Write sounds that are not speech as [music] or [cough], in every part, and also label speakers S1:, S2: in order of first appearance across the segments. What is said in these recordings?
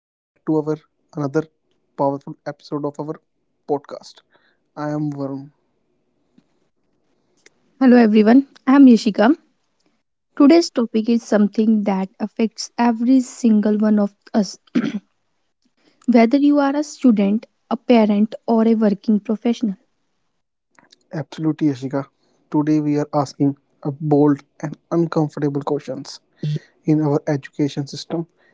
S1: Welcome back to our another powerful episode of our podcast. I am Varun,
S2: Hello everyone, I am Yashika. Today's topic is something that affects every single one of us, whether you are a student, a parent, or a working professional.
S1: absolutely Yashika. Today, we are asking a bold and uncomfortable questions in our education system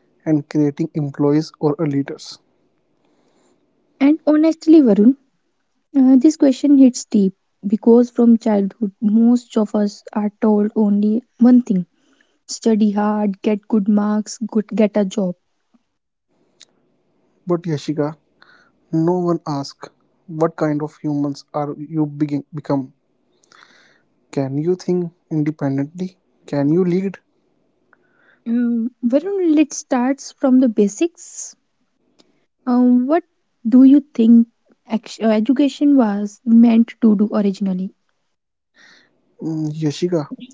S1: and creating employees or leaders.
S2: And honestly, Varun, this question hits deep because from childhood, most of us are told only one thing study hard, get good marks, good, get a job.
S1: But Yashika, no one asks what kind of humans are you begin become. Can you think independently? Can you lead?
S2: Varun, let's start from the basics. What do you think education was meant to do originally?
S1: Yashika,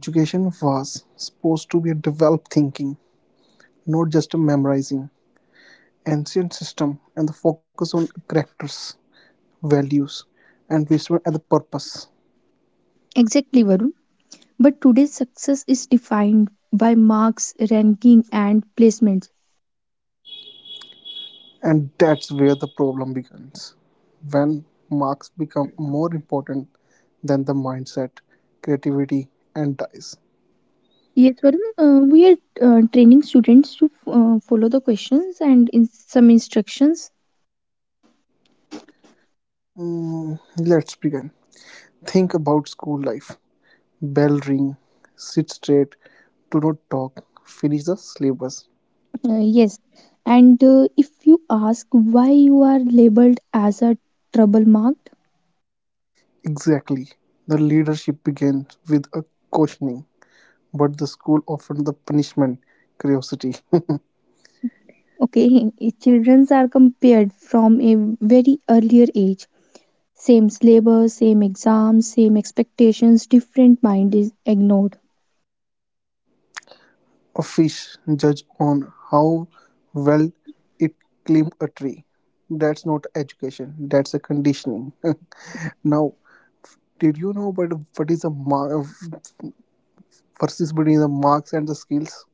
S1: education was supposed to be a developed thinking, not just memorizing ancient system and the focus on characters, values, and vision and the purpose.
S2: Exactly, Varun. But today's success is defined by marks, ranking, and placements.
S1: And that's where the problem begins when marks become more important than the mindset, creativity, and dies.
S2: Yes, Varun. We are training students to follow the questions and in some instructions.
S1: Mm, let's begin think about school life, bell ring, sit straight, do not talk, finish the syllabus.
S2: Yes. And if you ask why you are labeled as a trouble marked,
S1: Exactly, the leadership begins with a questioning, but the school offered the punishment curiosity.
S2: okay, [laughs] children are compared from a very earlier age. Same syllabus, same exams, same expectations, different mind is ignored.
S1: [laughs] A fish judged on how well it climbed a tree. That's not education, that's a conditioning. [laughs] Now, did you know but what is the mar versus between the marks and the skills?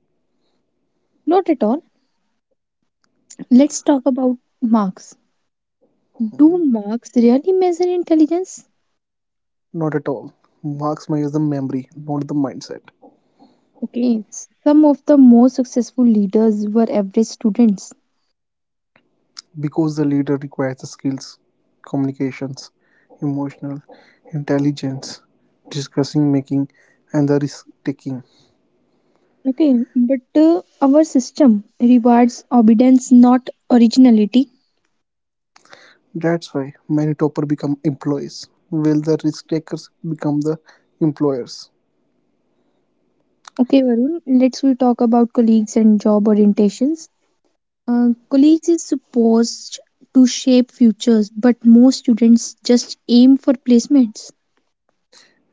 S2: Not at all. Let's talk about marks. Do marks really measure intelligence?
S1: Not at all. Marks measure the memory, not the mindset.
S2: Okay, some of the most successful leaders were average students.
S1: Because the leader requires the skills, communications, emotional intelligence, discussing making, and the risk taking.
S2: Okay, but our system rewards obedience, not originality.
S1: That's why many toppers become employees, while the risk takers become the employers.
S2: Okay, Varun, let's we talk about colleagues and job orientations. Colleagues is supposed to shape futures, but most students just aim for placements.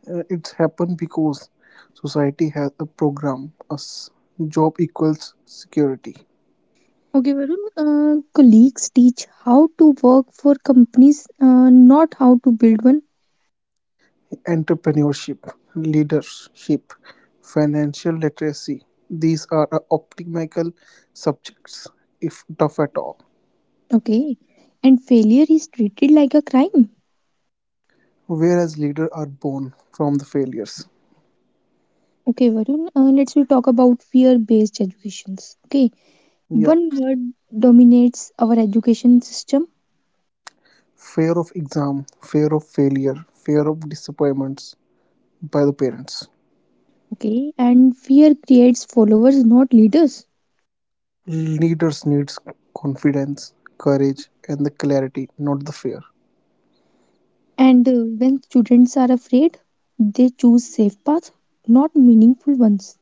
S1: It's happened because society has a program as job equals security,
S2: Okay, Varun, colleagues teach how to work for companies, not how to build one.
S1: entrepreneurship, leadership, financial literacy. These are optimal subjects, if tough at all.
S2: Okay, and failure is treated like a crime.
S1: Whereas leaders are born from the failures.
S2: Okay, Varun, let's we talk about fear-based educations. Okay,
S1: Yeah,
S2: one word dominates our education system.
S1: fear of exam, fear of failure, fear of disappointments, by the parents.
S2: Okay, and fear creates followers, not leaders.
S1: Leaders needs confidence, courage, and the clarity, not the fear.
S2: And when students are afraid, they choose safe paths, not meaningful ones.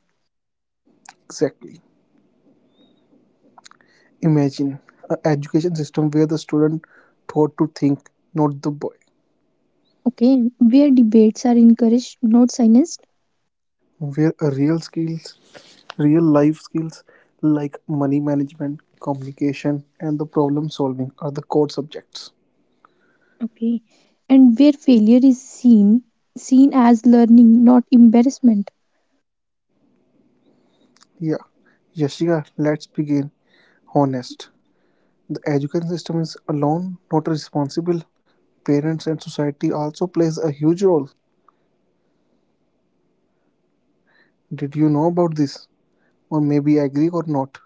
S1: Exactly. Imagine an education system where the student taught to think, not the boy.
S2: Okay, where debates are encouraged, not silenced.
S1: Where a real skills, real life skills like money management, communication, and the problem solving are the core subjects.
S2: Okay. And where failure is seen as learning, not embarrassment.
S1: Yeah. Yashika, let's begin honest. The education system is alone not responsible. Parents and society also plays a huge role. Did you know about this? Or maybe agree or not?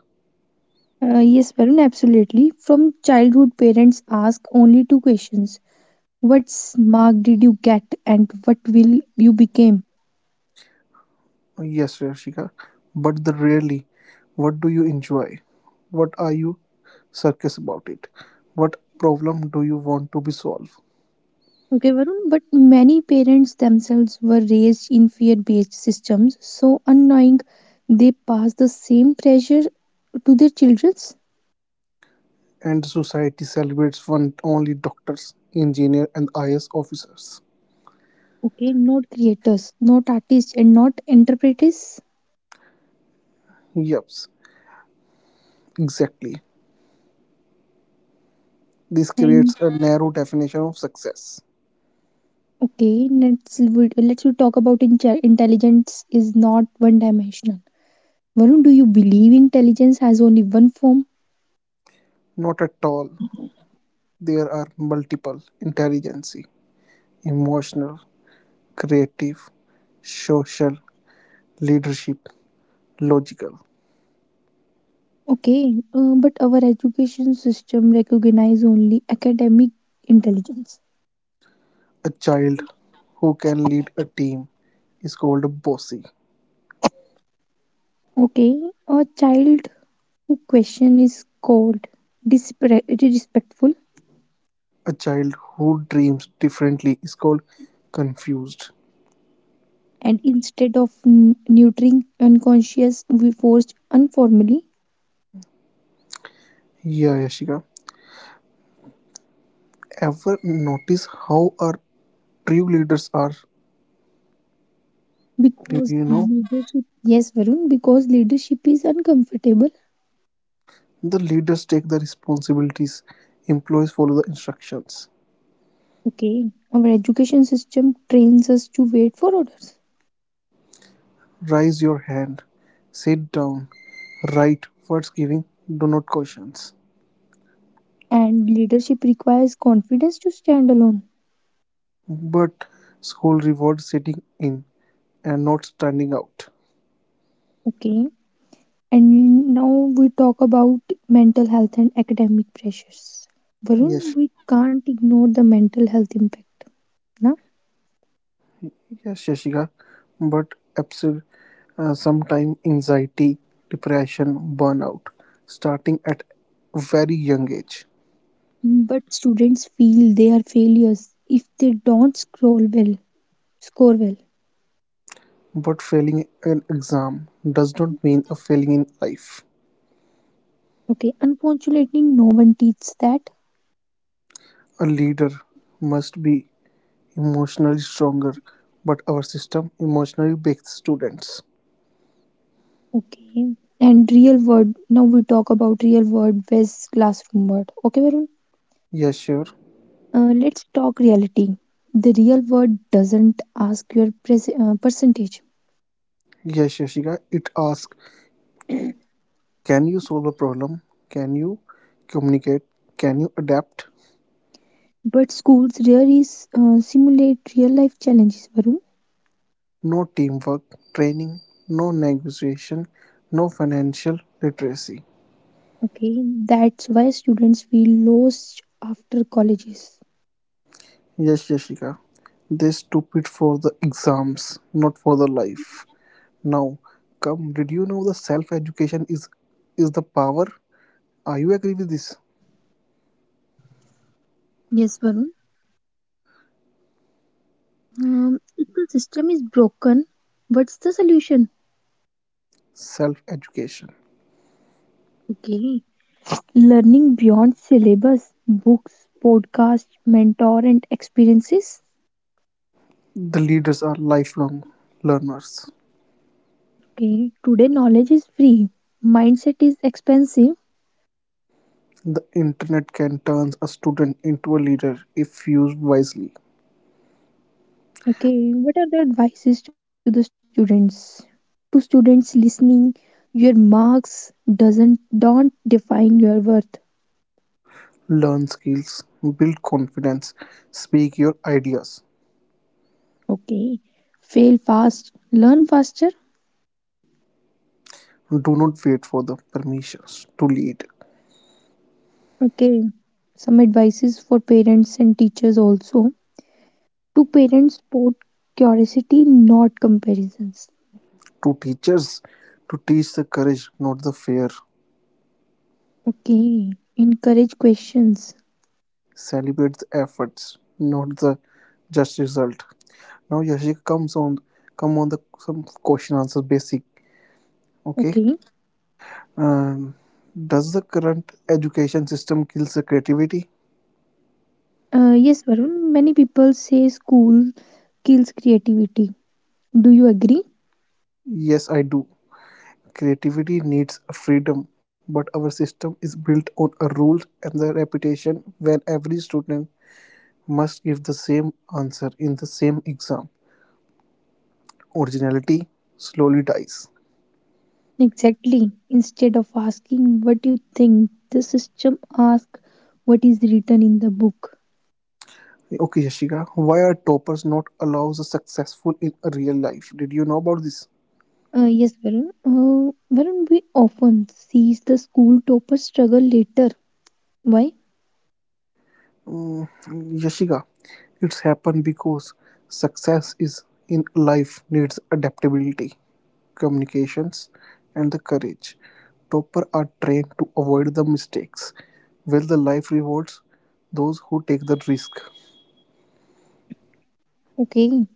S2: Yes, Varun, absolutely. From childhood, parents ask only two questions. What mark did you get and what will you become?
S1: Yes, Rashika. But the really, what do you enjoy? What are you circus about it? What problem do you want to be solved?
S2: Okay, Varun, but many parents themselves were raised in fear-based systems, so unknowing they pass the same pressure to their children.
S1: And society celebrates one only doctors, engineer, and IAS officers.
S2: Okay, not creators, not artists, and not interpreters.
S1: Yups, exactly. This
S2: And
S1: creates a narrow definition of success.
S2: okay, let's we talk about intelligence is not one dimensional. Varun, do you believe intelligence has only one form?
S1: Not at all. There are multiple intelligence, emotional, creative, social, leadership, logical.
S2: Okay, but our education system recognize only academic intelligence.
S1: A child who can lead a team is called a bossy.
S2: Okay, a child who question is called disrespectful,
S1: A child who dreams differently is called confused.
S2: and instead of nurturing unconscious, we forced informally
S1: Yeah, Yashika. Ever notice how our true leaders are? Do
S2: because
S1: you know?
S2: leadership. Yes, Varun, because leadership is uncomfortable.
S1: The leaders take the responsibilities, employees follow the instructions.
S2: Okay, our education system trains us to wait for orders,
S1: Raise your hand. Sit down. Write what's giving. Do not questions.
S2: and leadership requires confidence to stand alone.
S1: But school rewards sitting in and not standing out.
S2: Okay, and now we talk about mental health and academic pressures. Varun,
S1: Yes,
S2: we can't ignore the mental health impact, na?
S1: yes, Shashika. But absolutely, sometimes anxiety, depression, burnout, starting at very young age.
S2: But students feel they are failures if they don't scroll well, score well.
S1: But failing an exam does not mean a failing in life.
S2: Okay, unfortunately, no one teaches that.
S1: A leader must be emotionally stronger, but our system emotionally bakes students.
S2: Okay, and real world. Now we talk about real world versus classroom world. Okay, Varun.
S1: Yes, sure.
S2: Let's talk reality. The real world doesn't ask your percentage,
S1: Yes, Yashika. It asks, can you solve a problem? Can you communicate? Can you adapt?
S2: but schools really simulate real life challenges. Varun.
S1: No teamwork, training, no negotiation, no financial literacy.
S2: Okay, that's why students feel lost after colleges.
S1: Yes, Yashika. They stupid for the exams, not for the life. Now, come, did you know the self-education is the power? Are you agree with this?
S2: Yes, Varun. Um, if the system is broken, what's the solution?
S1: Self-education.
S2: Okay, learning beyond syllabus, books, podcasts, mentor, and experiences.
S1: The leaders are lifelong learners.
S2: Okay, today knowledge is free, mindset is expensive.
S1: The internet can turn a student into a leader if used wisely.
S2: Okay, what are the advices to the students? To students listening, your marks doesn't don't define your worth.
S1: Learn skills, build confidence, speak your ideas.
S2: Okay, fail fast, learn faster.
S1: Do not wait for the permissions to lead.
S2: Okay, some advices for parents and teachers also. To parents, support curiosity, not comparisons.
S1: To teachers, to teach the courage, not the fear.
S2: Okay, encourage questions.
S1: Celebrate the efforts, not the just result. Now Yashika come on the some question answer basic. Okay.
S2: Okay,
S1: Um, does the current education system kills the creativity?
S2: yes, Varun. Many people say school kills creativity. Do you agree?
S1: Yes, I do. Creativity needs freedom, but our system is built on a rule and the reputation when every student must give the same answer in the same exam. Originality slowly dies.
S2: Exactly. Instead of asking what you think, the system asks what is written in the book.
S1: Okay, Yashika, why are toppers not allowed the successful in a real life? Did you know about this?
S2: Yes, Varun. Varun, we often sees the school topper struggle later. Why?
S1: Mm, Yashika, it's happened because success is in life needs adaptability, communications, and the courage. Topper are trained to avoid the mistakes, while the life rewards those who take the risk.
S2: Okay.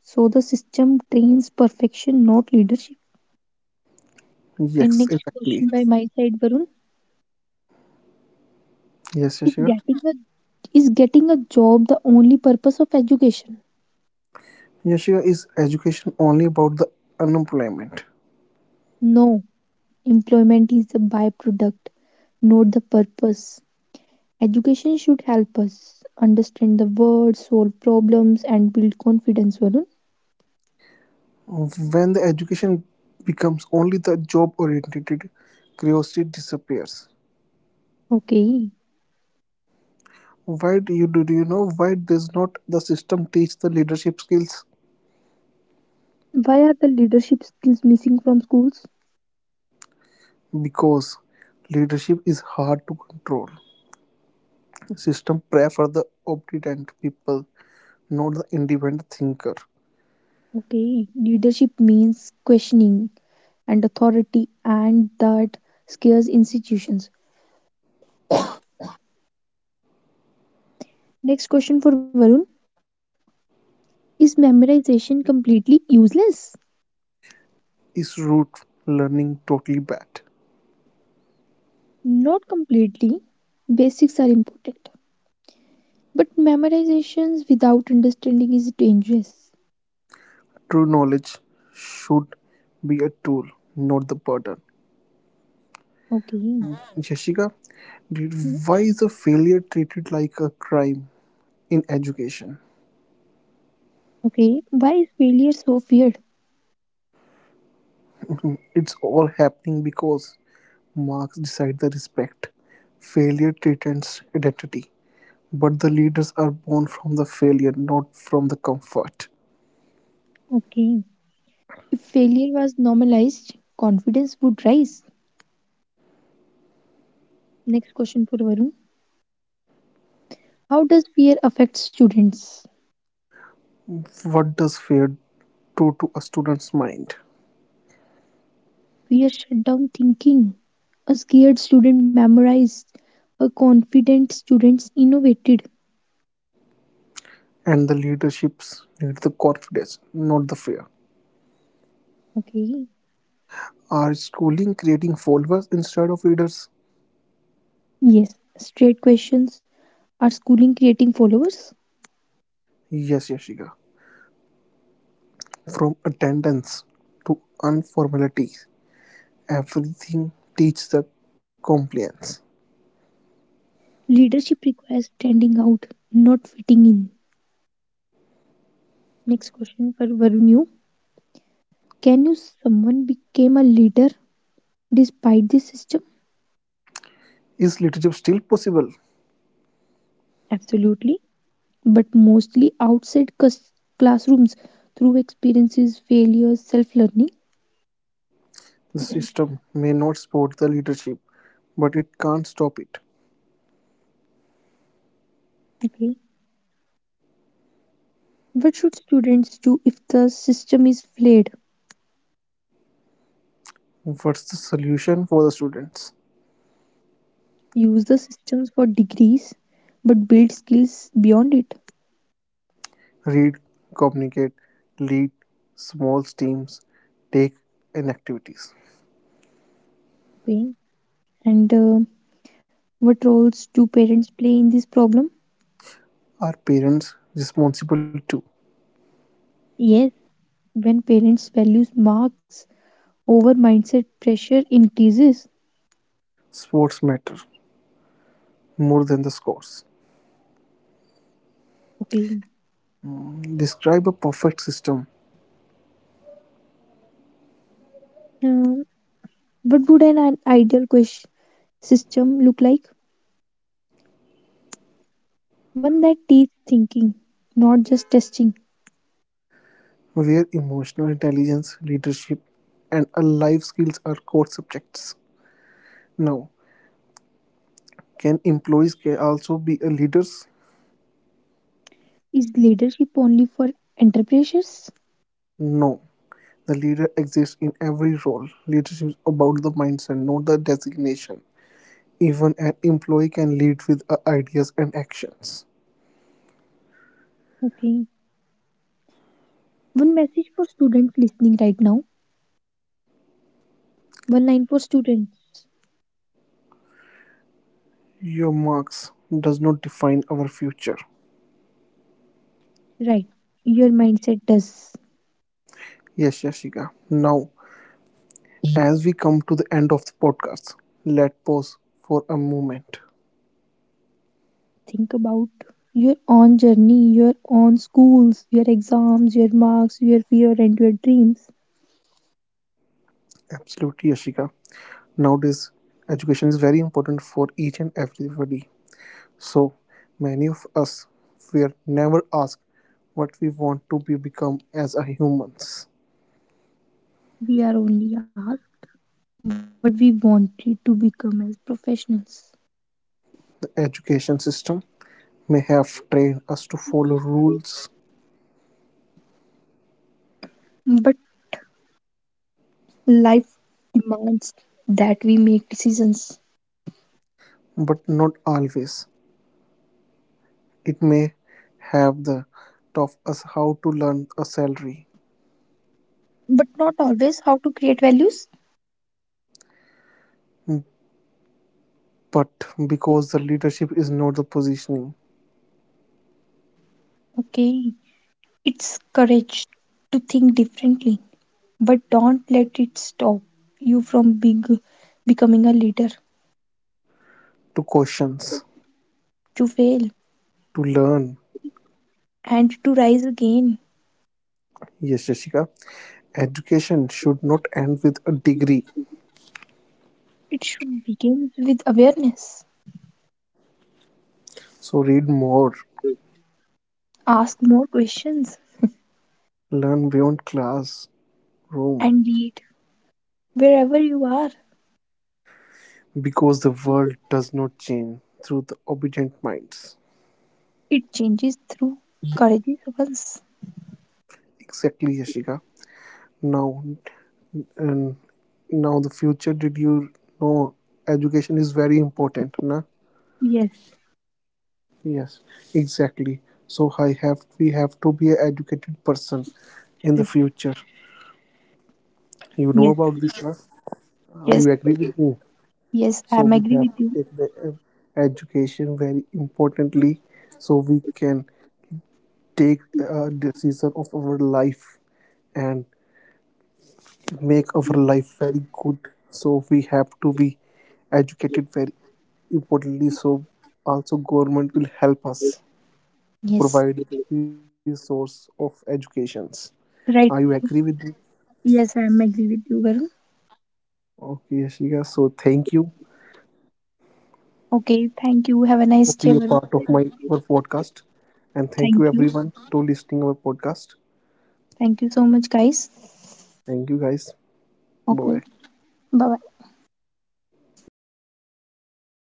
S2: So the system trains perfection, not leadership. And
S1: Yes,
S2: next
S1: exactly.
S2: question by my side, Varun.
S1: Yes,
S2: Is
S1: Yashika.
S2: getting a is getting a job the only purpose of education?
S1: Yashika, is education only about the unemployment?
S2: No. Employment is a byproduct, not the purpose. Education should help us understand the world, solve problems, and build confidence, Varun.
S1: When the education becomes only the job oriented, curiosity disappears.
S2: Okay.
S1: Why do you know why does not the system teach the leadership skills?
S2: Why are the leadership skills missing from schools?
S1: Because leadership is hard to control, system prefer the obedient people, not the independent thinker.
S2: Okay. Leadership means questioning and authority, and that scares institutions. Next question for Varun. Is memorization completely useless?
S1: Is root learning totally bad?
S2: Not completely. Basics are important. But memorizations without understanding is dangerous.
S1: True knowledge should be a tool, not the burden.
S2: Okay.
S1: Jessica, did- why is a failure treated like a crime in education?
S2: Okay, why is failure so feared?
S1: It's all happening because marks decide the respect. Failure threatens identity, but the leaders are born from the failure, not from the comfort.
S2: Okay. If failure was normalized, confidence would rise. Next question for Varun. How does fear affect students?
S1: What does fear do to a student's mind?
S2: Fear shut down thinking. A scared student memorized. A confident student innovated.
S1: And the leaderships need the confidence, not the fear.
S2: Okay.
S1: Are schooling creating followers instead of leaders?
S2: Yes. Straight questions. Are schooling creating followers?
S1: Yes, Yashika. From attendance to informality, everything teaches the compliance.
S2: Leadership requires standing out, not fitting in. Next question for Varun. You. Can you someone became a leader despite this system?
S1: Is leadership still possible?
S2: Absolutely. But mostly outside classrooms through experiences, failures, self learning.
S1: The system may not support the leadership, but it can't stop it.
S2: Okay. What should students do if the system is flawed?
S1: What's the solution for the students?
S2: Use the systems for degrees, but build skills beyond it.
S1: Read, communicate, lead small teams, take in activities.
S2: Okay. And what roles do parents play in this problem?
S1: Are parents responsible too?
S2: Yes, when parents values marks over mindset, pressure increases.
S1: Sports matter more than the scores.
S2: Okay.
S1: Describe a perfect system
S2: Uh, what would an ideal system look like? One that teaches thinking, not just testing.
S1: where emotional intelligence, leadership, and a life skills are core subjects. Now, can employees also be leaders?
S2: Is leadership only for entrepreneurs?
S1: No, the leader exists in every role. Leadership is about the mindset, not the designation. Even an employee can lead with ideas and actions.
S2: Okay. One message for students listening right now. One line for students.
S1: Your marks does not define our future.
S2: Right. Your mindset does.
S1: Yes, Yashika. Now, as we come to the end of the podcast, let pause for a moment.
S2: Think about your own journey, your own schools, your exams, your marks, your fear, and your dreams.
S1: Absolutely, Yashika. Nowadays, education is very important for each and everybody. So many of us were never asked what we want to be become as a humans.
S2: We are only are what we wanted to become as professionals.
S1: The education system may have trained us to follow rules,
S2: But life demands that we make decisions
S1: but not always. It may have the taught us how to learn a salary,
S2: but not always how to create values.
S1: but because the leadership is not the positioning
S2: Okay, it's courage to think differently, but don't let it stop you from big, becoming a leader.
S1: to questions
S2: To fail
S1: to learn.
S2: and to rise again,
S1: Yes, Jessica, education should not end with a degree.
S2: it should begin with awareness.
S1: So read more,
S2: Ask more questions
S1: learn beyond class, Rome,
S2: and lead wherever you are.
S1: because the world does not change through the obedient minds.
S2: It changes through courageous ones.
S1: Exactly, Yashika. Now, and now the future. Did you know education is very important, na?
S2: Yes,
S1: Yes, exactly. So I have we have to be an educated person in the
S2: yes,
S1: future. You know about
S2: yes,
S1: this, na? You agree
S2: yes,
S1: with me? So
S2: yes.
S1: we have
S2: I'm
S1: to
S2: agree
S1: take
S2: with
S1: the
S2: you.
S1: education very importantly, so we can take a decision of our life and make our life very good, so we have to be educated very importantly, so also government will help us to provide the
S2: Yes,
S1: resource of educations. Are you agree with
S2: right.
S1: me?
S2: Yes, I'm agree with you, Varun.
S1: Okay, Ashika. So thank you
S2: Okay, thank you.
S1: for
S2: Have a
S1: being a
S2: nice
S1: part
S2: day.
S1: of
S2: Varun.
S1: my our podcast, and thank you
S2: Thank
S1: everyone
S2: you.
S1: to listening our podcast.
S2: Thank you so much, guys.
S1: Thank you guys, bye.
S2: Okay, bye bye.